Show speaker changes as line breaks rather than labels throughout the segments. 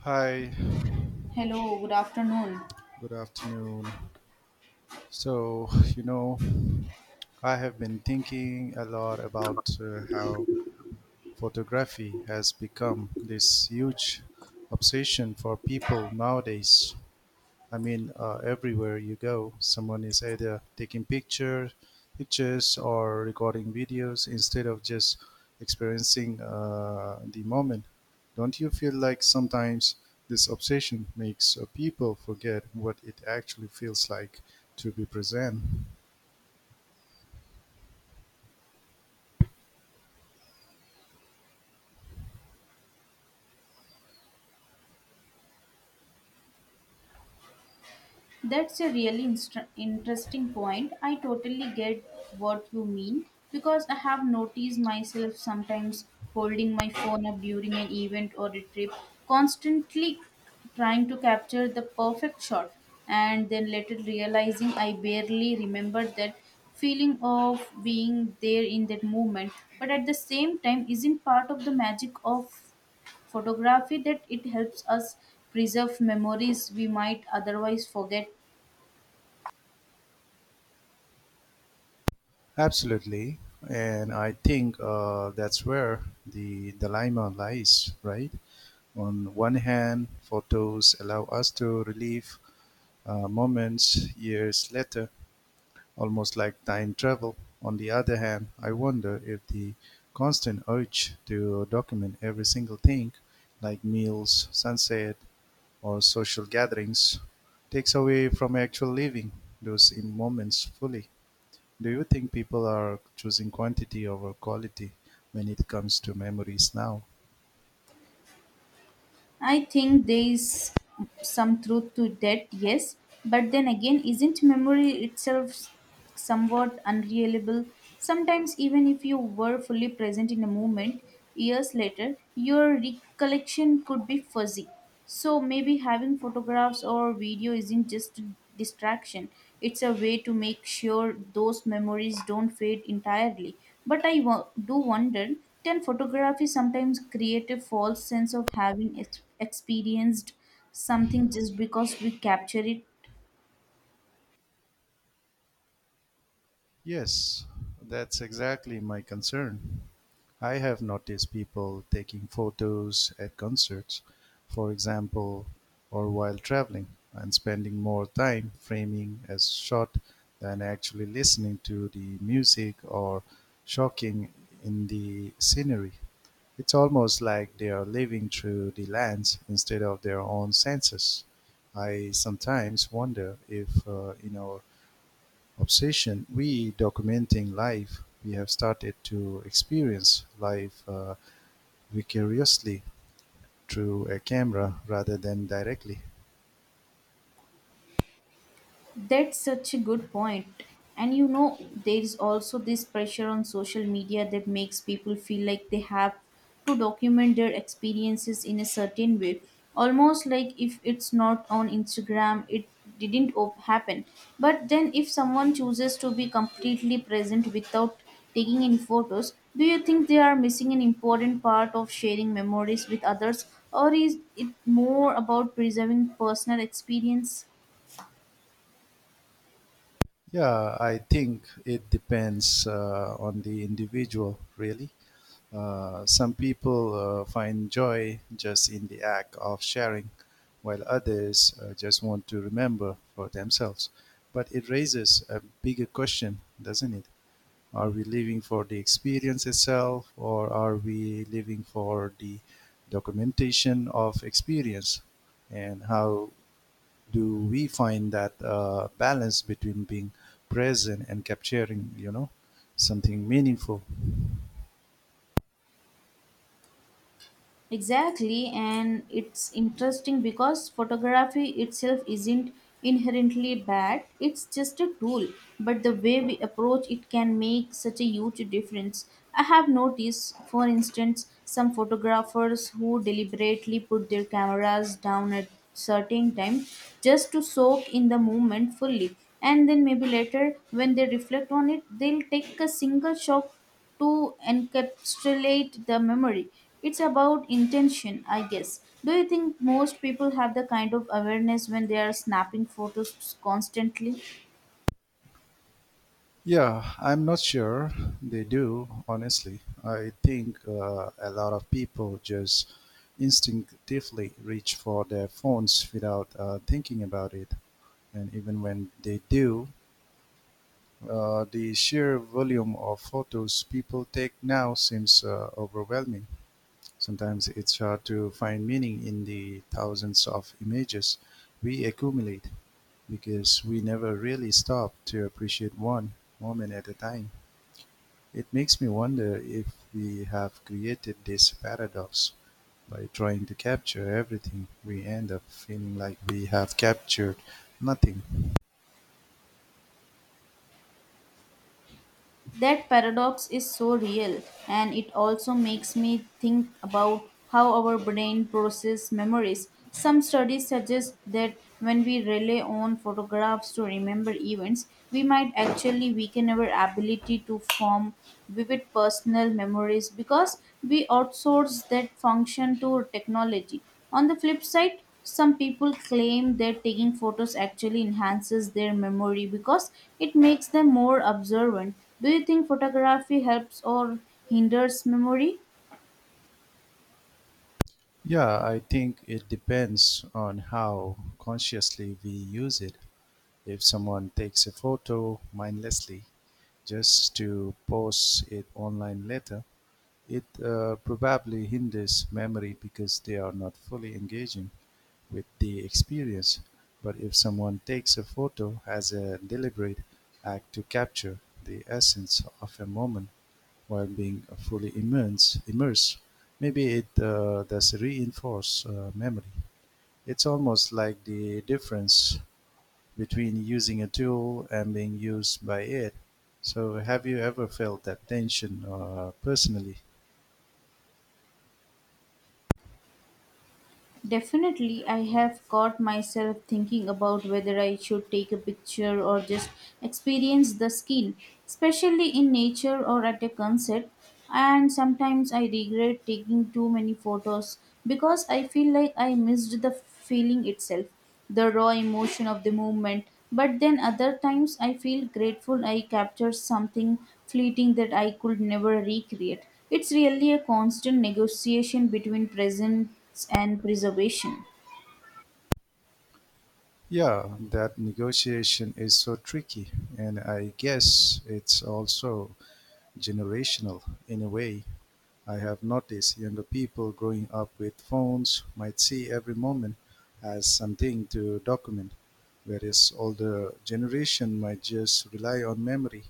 Hi,
Hello, good afternoon.
good afternoon. So, you know, I have been thinking a lot about how photography has become this huge obsession for people nowadays. Everywhere you go, someone is either pictures or recording videos instead of just experiencing the moment. Don't you feel like sometimes this obsession makes people forget what it actually feels like to be present?
That's a really interesting point. I totally get what you mean because I have noticed myself sometimes holding my phone up during an event or a trip, constantly trying to capture the perfect shot, and then later realizing I barely remembered that feeling of being there in that moment, but at the same time, isn't part of the magic of photography that it helps us preserve memories we might otherwise forget.
Absolutely, and I think that's where the dilemma lies, right? On one hand, photos allow us to relive moments years later, almost like time travel. On the other hand, I wonder if the constant urge to document every single thing, like meals, sunset, or social gatherings, takes away from actual living those in moments fully. Do you think people are choosing quantity over quality when it comes to memories now?
I think there is some truth to that, yes, but then again, isn't memory itself somewhat unreliable? Sometimes, even if you were fully present in a moment, years later, your recollection could be fuzzy. So maybe having photographs or video isn't just a distraction. It's a way to make sure those memories don't fade entirely. But I do wonder, can photography sometimes create a false sense of having experienced something just because we capture it?
Yes, that's exactly my concern. I have noticed people taking photos at concerts, for example, or while traveling, and spending more time framing a shot than actually listening to the music or shocking in the scenery. It's almost like they are living through the lens instead of their own senses. I sometimes wonder if in our obsession we documenting life. We have started to experience life vicariously through a camera rather than directly.
That's such a good point. And you know, there's also this pressure on social media that makes people feel like they have to document their experiences in a certain way. Almost like if it's not on Instagram, it didn't happen. But then, if someone chooses to be completely present without taking any photos, do you think they are missing an important part of sharing memories with others, or is it more about preserving personal experience?
Yeah, I think it depends on the individual, really. Some people find joy just in the act of sharing, while others just want to remember for themselves. But it raises a bigger question, doesn't it? Are we living for the experience itself or are we living for the documentation of experience? And how do we find that balance between being present and capturing something meaningful?
Exactly, and it's interesting because photography itself isn't inherently bad, it's just a tool, but the way we approach it can make such a huge difference. I have noticed, for instance, some photographers who deliberately put their cameras down at certain time just to soak in the moment fully, and then maybe later when they reflect on it they'll take a single shot to encapsulate the memory. It's about intention, I guess. Do you think most people have the kind of awareness when they are snapping photos constantly?
Yeah, I'm not sure they do, honestly. I think a lot of people just instinctively reach for their phones without thinking about it. And even when they do, the sheer volume of photos people take now seems overwhelming. Sometimes it's hard to find meaning in the thousands of images we accumulate because we never really stop to appreciate one moment at a time. It makes me wonder if we have created this paradox by trying to capture everything, we end up feeling like we have captured nothing.
That paradox is so real, and it also makes me think about how our brain processes memories. Some studies suggest that when we rely on photographs to remember events, we might actually weaken our ability to form vivid personal memories because we outsource that function to technology. On the flip side, some people claim that taking photos actually enhances their memory because it makes them more observant. Do you think photography helps or hinders memory?
Yeah, I think it depends on how consciously we use it. If someone takes a photo mindlessly just to post it online later, it probably hinders memory because they are not fully engaging with the experience. But if someone takes a photo as a deliberate act to capture the essence of a moment while being fully immersed, maybe it does reinforce memory. It's almost like the difference between using a tool and being used by it. So, have you ever felt that tension personally?
Definitely, I have caught myself thinking about whether I should take a picture or just experience the scene, especially in nature or at a concert. And sometimes I regret taking too many photos because I feel like I missed the feeling itself, the raw emotion of the movement. But then other times I feel grateful I captured something fleeting that I could never recreate. It's really a constant negotiation between presence and preservation.
Yeah, that negotiation is so tricky, and I guess it's also generational in a way. I have noticed younger people growing up with phones might see every moment as something to document, whereas older generation might just rely on memory.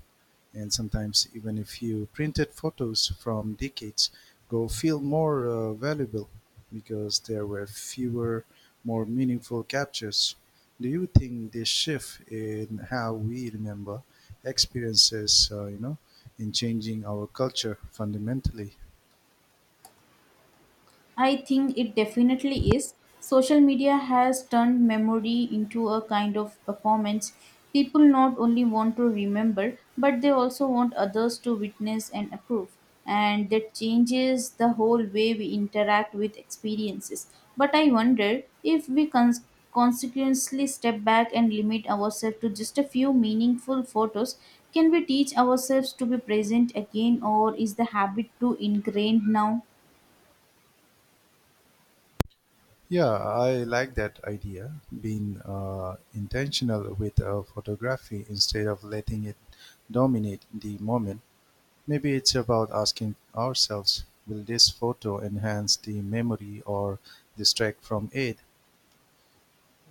And sometimes, even if you printed photos from decades ago feel more valuable because there were fewer, more meaningful captures. Do you think this shift in how we remember experiences, in changing our culture fundamentally?
I think it definitely is. Social media has turned memory into a kind of performance. People not only want to remember, but they also want others to witness and approve. And that changes the whole way we interact with experiences. But I wonder if we consequently step back and limit ourselves to just a few meaningful photos, can we teach ourselves to be present again, or is the habit too ingrained now?
Yeah, I like that idea, being intentional with photography instead of letting it dominate the moment. Maybe it's about asking ourselves, will this photo enhance the memory or distract from it?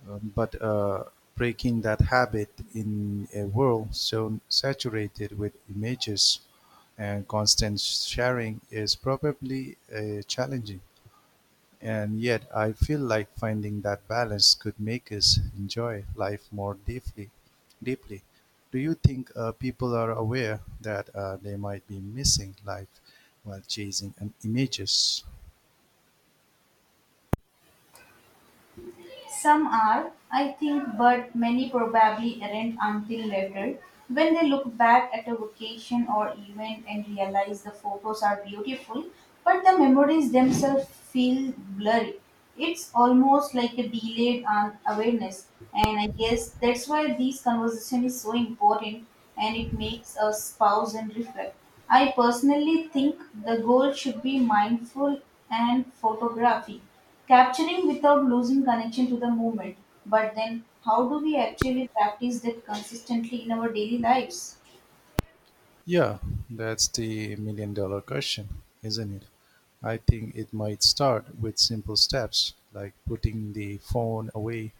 But breaking that habit in a world so saturated with images and constant sharing is probably challenging. And yet I feel like finding that balance could make us enjoy life more deeply. Deeply. Do you think people are aware that they might be missing life while chasing images?
Some are, I think, but many probably aren't until later when they look back at a vacation or event and realize the photos are beautiful, but the memories themselves feel blurry. It's almost like a delayed awareness, and I guess that's why this conversation is so important and it makes us pause and reflect. I personally think the goal should be mindful and photography capturing without losing connection to the movement. But then, how do we actually practice that consistently in our daily lives?
Yeah, that's the million dollar question, isn't it? I think it might start with simple steps like putting the phone away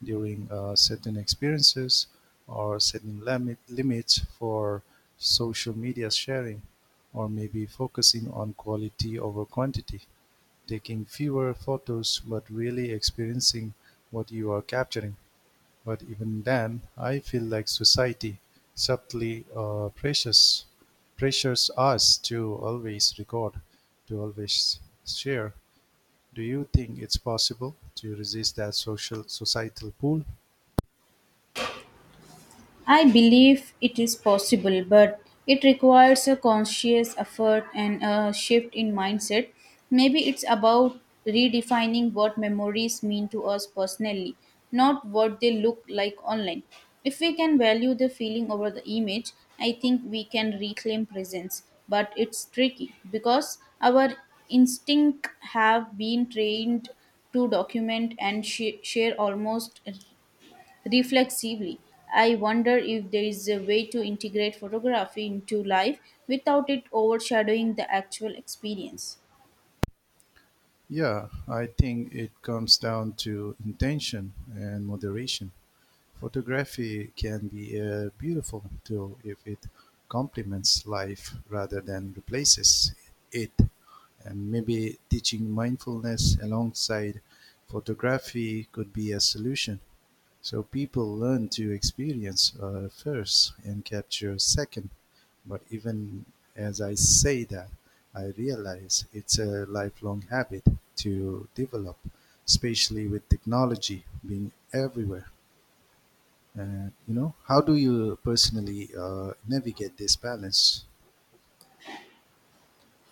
during certain experiences or limits for social media sharing or maybe focusing on quality over quantity, taking fewer photos but really experiencing what you are capturing. But even then, I feel like society subtly pressures us to always record, to always share. Do you think it's possible to resist that social societal pull?
I believe it is possible, but it requires a conscious effort and a shift in mindset. Maybe it's about redefining what memories mean to us personally, not what they look like online. If we can value the feeling over the image, I think we can reclaim presence, but it's tricky because our instinct have been trained to document and share almost reflexively. I wonder if there is a way to integrate photography into life without it overshadowing the actual experience.
Yeah, I think it comes down to intention and moderation. Photography can be a beautiful tool if it complements life rather than replaces it. And maybe teaching mindfulness alongside photography could be a solution. So people learn to experience first and capture second. But even as I say that, I realize it's a lifelong habit to develop, especially with technology being everywhere. And you know, how do you personally navigate this balance?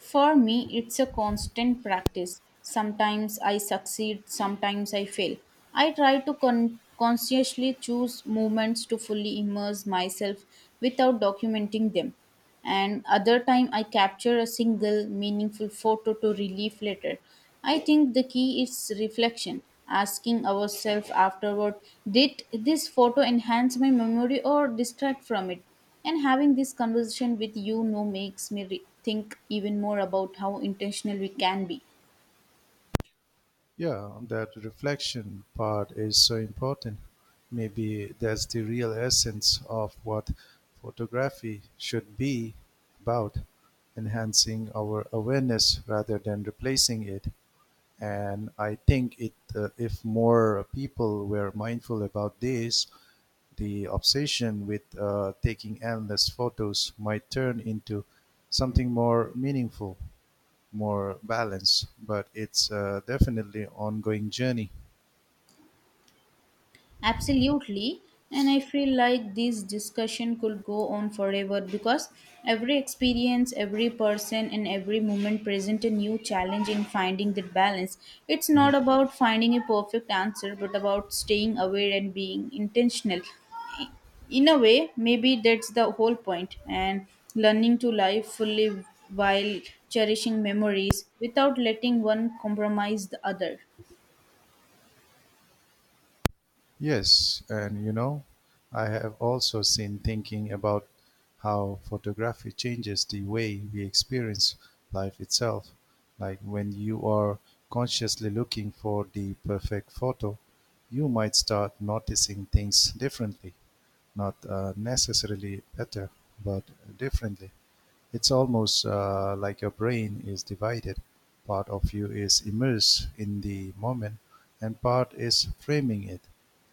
For me, it's a constant practice. Sometimes I succeed, sometimes I fail. I try to consciously choose movements to fully immerse myself without documenting them. And other time I capture a single meaningful photo to relieve later. I think the key is reflection, asking ourselves afterward, did this photo enhance my memory or distract from it? And having this conversation with you know makes me think even more about how intentional we can be.
Yeah, that reflection part is so important. Maybe that's the real essence of what photography should be about enhancing our awareness rather than replacing it. And I think if more people were mindful about this, the obsession with taking endless photos might turn into something more meaningful, more balanced, but it's definitely an ongoing journey.
Absolutely. And I feel like this discussion could go on forever because every experience, every person, and every moment present a new challenge in finding that balance. It's
Mhm.
not about finding a perfect answer, but about staying aware and being intentional, in a way maybe that's the whole point, and learning to live fully while cherishing memories without letting one compromise the other.
Yes, and you know, I have also seen thinking about how photography changes the way we experience life itself. Like when you are consciously looking for the perfect photo, you might start noticing things differently. Not necessarily better, but differently. It's almost like your brain is divided. Part of you is immersed in the moment, and part is framing it.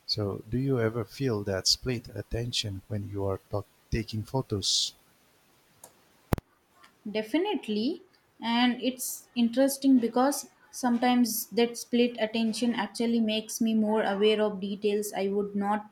So, do you ever feel that split attention when you are taking photos?
Definitely, and it's interesting because sometimes that split attention actually makes me more aware of details I would not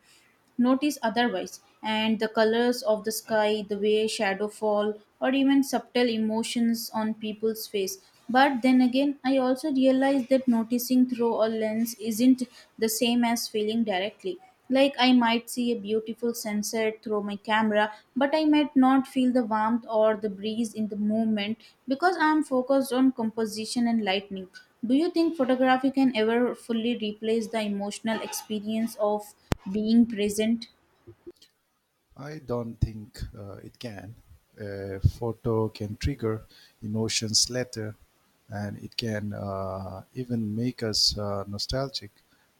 notice otherwise, and the colors of the sky, the way shadow fall, or even subtle emotions on people's face. But then again, I also realize that noticing through a lens isn't the same as feeling directly. Like I might see a beautiful sunset through my camera, but I might not feel the warmth or the breeze in the movement because I am focused on composition and lighting. Do you think photography can ever fully replace the emotional experience of being present?
I don't think it can. A photo can trigger emotions later, and it can even make us nostalgic.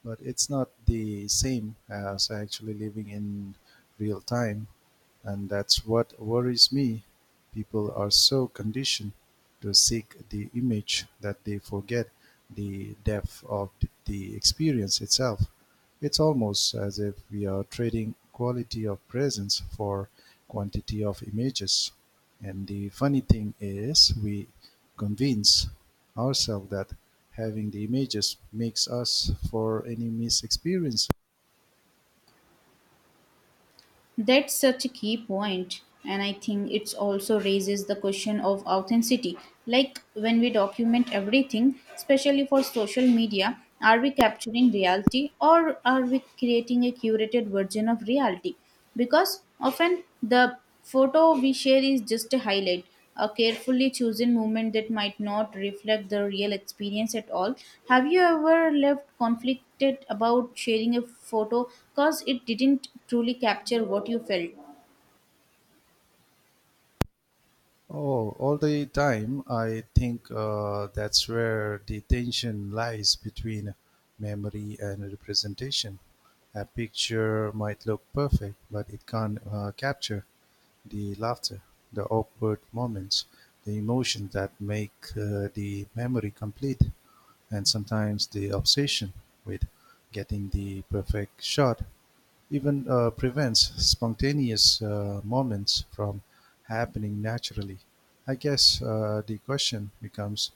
But it's not the same as actually living in real time, and that's what worries me. People are so conditioned to seek the image that they forget the depth of the experience itself. It's almost as if we are trading quality of presence for quantity of images. And the funny thing is, we convince ourselves that having the images makes us for any miss experience.
That's such a key point, and I think it also raises the question of authenticity. Like when we document everything, especially for social media, are we capturing reality or are we creating a curated version of reality? Because often the photo we share is just a highlight, a carefully chosen movement that might not reflect the real experience at all. Have you ever left conflicted about sharing a photo because it didn't truly capture what you felt?
Oh, all the time, I think that's where the tension lies between memory and representation. A picture might look perfect, but it can't capture the laughter, the awkward moments, the emotions that make the memory complete, and sometimes the obsession with getting the perfect shot even prevents spontaneous moments from happening naturally. I guess the question becomes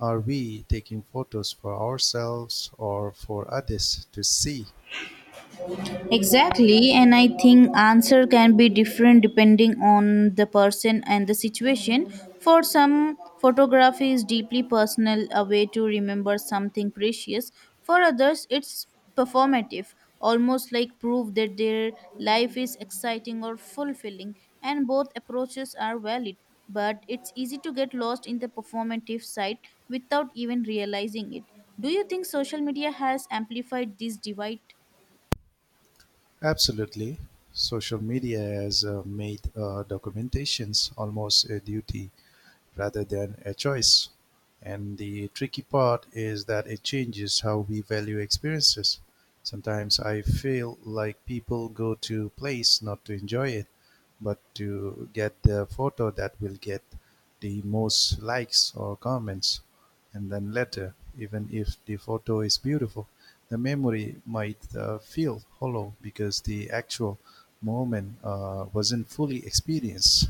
are we taking photos for ourselves or for others to see?
Exactly, and I think answer can be different depending on the person and the situation. For some, photography is deeply personal, a way to remember something precious. For others, it's performative, almost like proof that their life is exciting or fulfilling, and both approaches are valid. But it's easy to get lost in the performative side without even realizing it. Do you think social media has amplified this divide?
Absolutely, social media has made documentations almost a duty rather than a choice. And the tricky part is that it changes how we value experiences. Sometimes I feel like people go to place not to enjoy it, but to get the photo that will get the most likes or comments. And then later, even if the photo is beautiful, the memory might feel hollow because the actual moment wasn't fully experienced.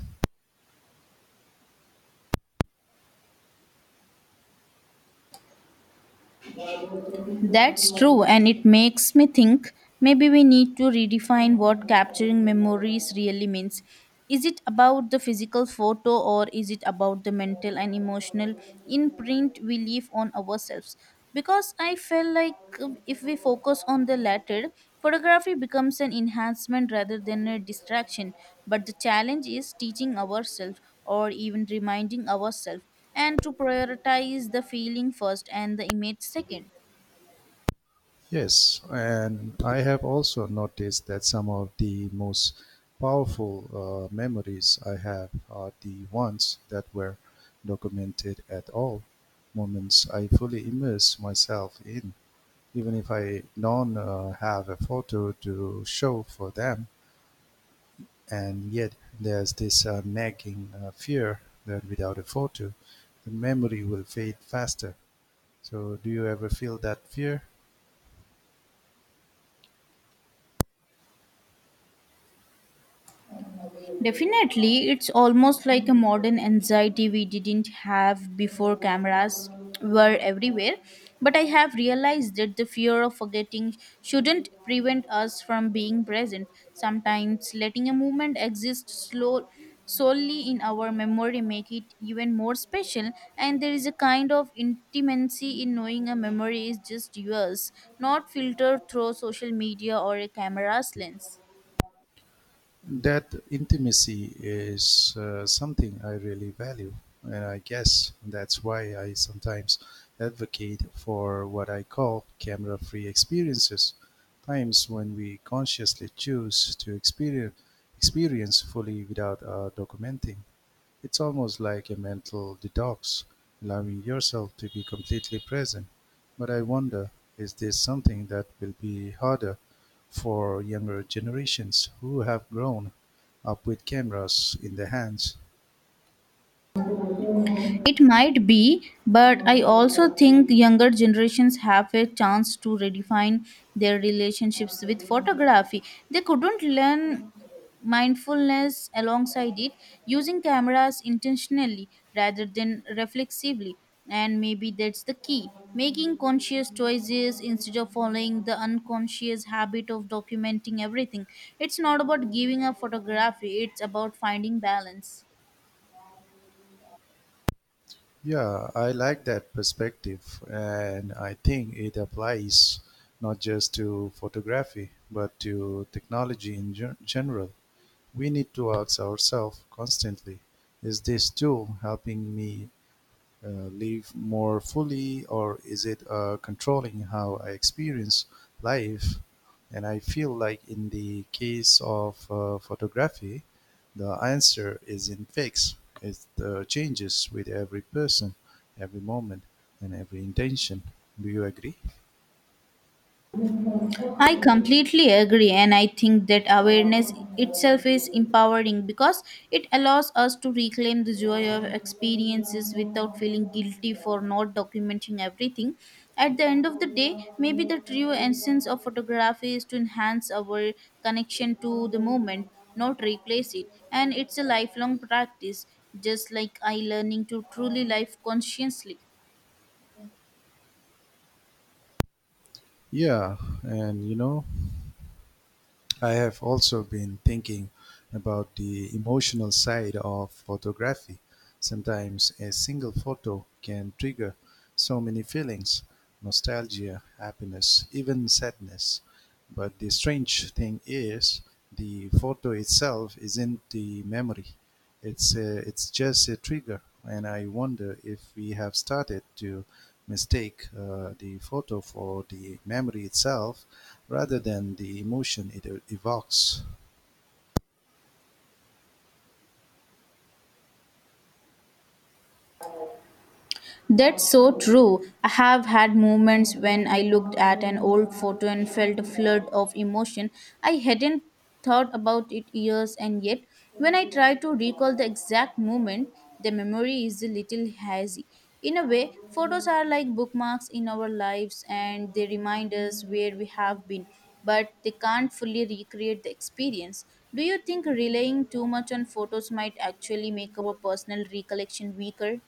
That's true, and it makes me think maybe we need to redefine what capturing memories really means. Is it about the physical photo or is it about the mental and emotional imprint we leave on ourselves? Because I felt like if we focus on the latter, photography becomes an enhancement rather than a distraction. But the challenge is teaching ourselves or even reminding ourselves and to prioritize the feeling first and the image second.
Yes, and I have also noticed that some of the most powerful memories I have are the ones that were documented at all, moments I fully immerse myself in, even if I don't have a photo to show for them. And yet, there's this nagging fear that without a photo, the memory will fade faster. So, do you ever feel that fear?
Definitely, it's almost like a modern anxiety we didn't have before cameras were everywhere. But I have realized that the fear of forgetting shouldn't prevent us from being present. Sometimes letting a moment exist slow solely in our memory make it even more special, and there is a kind of intimacy in knowing a memory is just yours, not filtered through social media or a camera's lens.
That intimacy is something I really value, and I guess that's why I sometimes advocate for what I call camera free experiences, times when we consciously choose to experience fully without documenting. It's almost like a mental detox, allowing yourself to be completely present. But I wonder, is this something that will be harder for younger generations who have grown up with cameras in their hands?
It might be, but I also think younger generations have a chance to redefine their relationships with photography. They couldn't learn mindfulness alongside it, using cameras intentionally rather than reflexively. And maybe that's the key, making conscious choices instead of following the unconscious habit of documenting everything. It's not about giving up photography, it's about finding balance.
Yeah, I like that perspective, and I think it applies not just to photography, but to technology in general. We need to ask ourselves constantly is this tool helping me live more fully, or is it controlling how I experience life? And I feel like in the case of photography, the answer isn't fixed. It changes with every person, every moment, and every intention. Do you agree?
I completely agree, and I think that awareness itself is empowering because it allows us to reclaim the joy of experiences without feeling guilty for not documenting everything. At the end of the day, maybe the true essence of photography is to enhance our connection to the moment, not replace it, and it's a lifelong practice, just like I learning to truly live consciously.
Yeah, and you know, I have also been thinking about the emotional side of photography. Sometimes a single photo can trigger so many feelings nostalgia, happiness, even sadness. But the strange thing is, the photo itself isn't the memory, it's just a trigger. And I wonder if we have started to mistake the photo for the memory itself rather than the emotion it evokes?
That's so true. I have had moments when I looked at an old photo and felt a flood of emotion. I hadn't thought about it years, and yet, when I try to recall the exact moment, the memory is a little hazy. In a way, photos are like bookmarks in our lives and they remind us where we have been, but they can't fully recreate the experience. Do you think relying too much on photos might actually make our personal recollection weaker?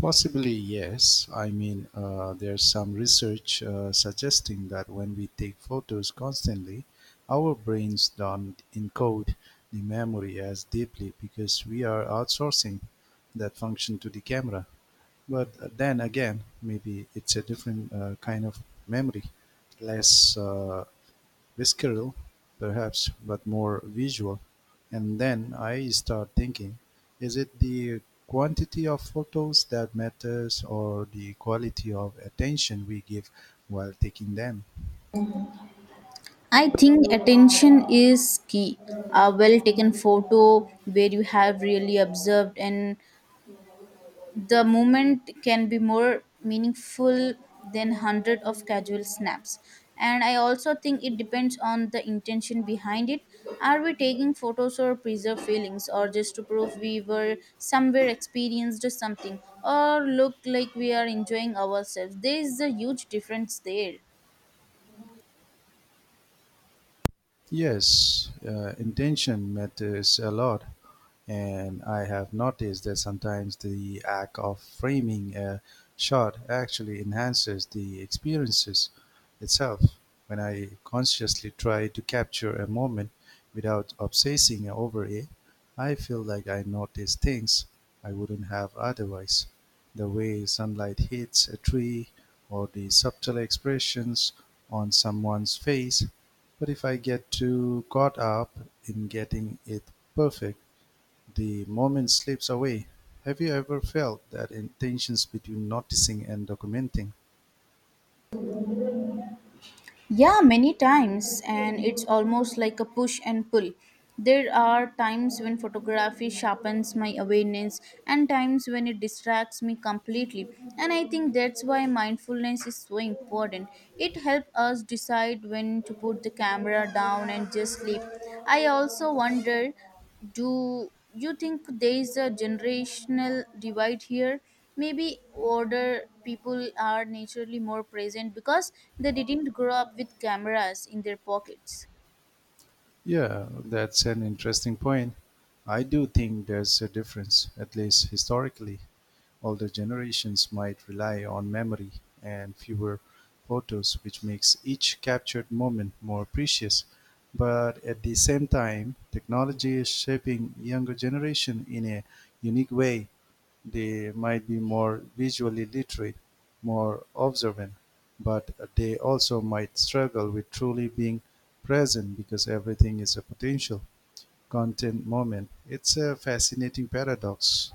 Possibly, yes. I mean, there's some research suggesting that when we take photos constantly, our brains don't encode the memory as deeply because we are outsourcing that function to the camera. But then again, maybe it's a different kind of memory, less visceral, perhaps, but more visual, and then I start thinking, is it the quantity of photos that matters or the quality of attention we give while taking them?
I think attention is key. A well taken photo where you have really observed and the moment can be more meaningful than hundred of casual snaps. And I also think it depends on the intention behind it. Are we taking photos or preserve feelings or just to prove we were somewhere experienced something or look like we are enjoying ourselves? There is a huge difference there.
Yes, Intention matters a lot. And I have noticed that sometimes the act of framing a shot actually enhances the experiences itself. When I consciously try to capture a moment without obsessing over it, I feel like I notice things I wouldn't have otherwise. The way sunlight hits a tree or the subtle expressions on someone's face. But if I get too caught up in getting it perfect, the moment slips away. Have you ever felt that in tensions between noticing and documenting?
Yeah, many times, and it's almost like a push and pull. There are times when photography sharpens my awareness and times when it distracts me completely. And I think that's why mindfulness is so important. It helps us decide when to put the camera down and just sleep. I also wonder, do you think there is a generational divide here, maybe older people are naturally more present because they didn't grow up with cameras in their pockets?
Yeah, that's an interesting point. I do think there's a difference, at least historically. Older generations might rely on memory and fewer photos, which makes each captured moment more precious. But at the same time, technology is shaping younger generation in a unique way. They might be more visually literate, more observant, but they also might struggle with truly being present because everything is a potential content moment. It's a fascinating paradox.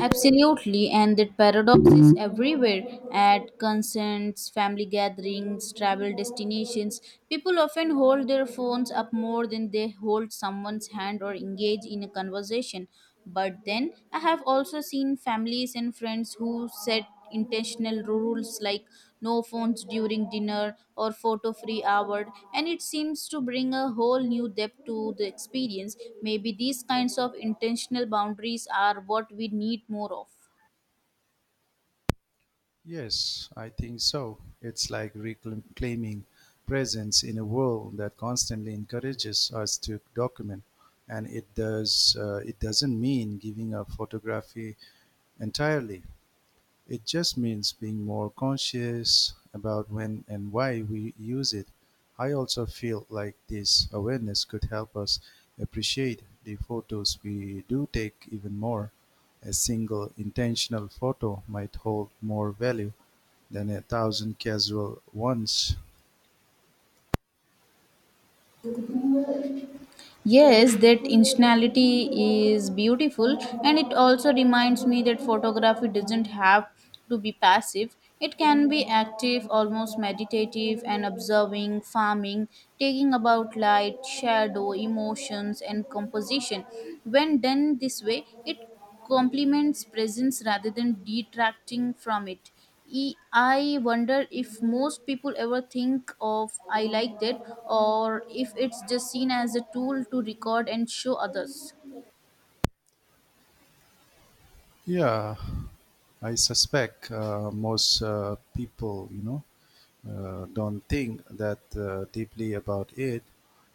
Absolutely, and that paradox is everywhere. At concerts, family gatherings, travel destinations, people often hold their phones up more than they hold someone's hand or engage in a conversation. But then I have also seen families and friends who set intentional rules like no phones during dinner or photo free hour, and it seems to bring a whole new depth to the experience. Maybe these kinds of intentional boundaries are what we need more of.
Yes, I think so. It's like reclaiming presence in a world that constantly encourages us to document, and it does. It doesn't mean giving up photography entirely. It just means being more conscious about when and why we use it. I also feel like this awareness could help us appreciate the photos we do take even more. A single intentional photo might hold more value than a thousand casual ones.
Yes, that intentionality is beautiful, and it also reminds me that photography doesn't have to be passive. It can be active, almost meditative, and observing, farming, taking about light, shadow, emotions, and composition. When done this way, it complements presence rather than detracting from it. I wonder if most people ever think of I liked it or if it's just seen as a tool to record and show others.
Yeah, I suspect most people, you know, don't think that deeply about it.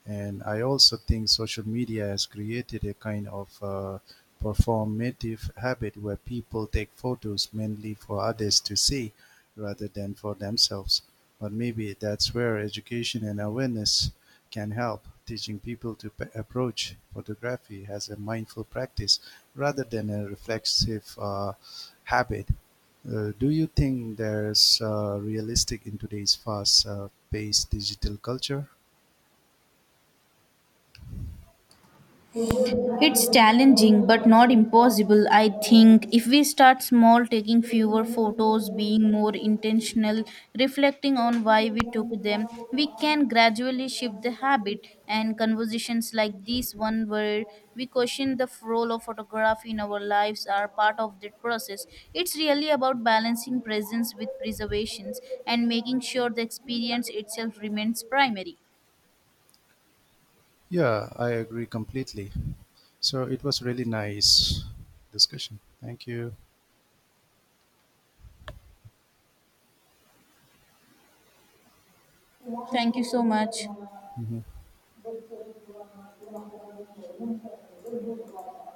And I also think social media has created a kind of performative habit where people take photos mainly for others to see rather than for themselves. But maybe that's where education and awareness can help, teaching people to approach photography as a mindful practice rather than a reflexive habit. Do you think there's realistic in today's fast-paced digital culture?
It's challenging but not impossible, I think. If we start small, taking fewer photos, being more intentional, reflecting on why we took them, we can gradually shift the habit. And conversations like this one, where we question the role of photography in our lives, are part of that process. It's really about balancing presence with preservations and making sure the experience itself remains primary.
Yeah, I agree completely. So it was really nice discussion. Thank you.
Thank you so much.
Mhm.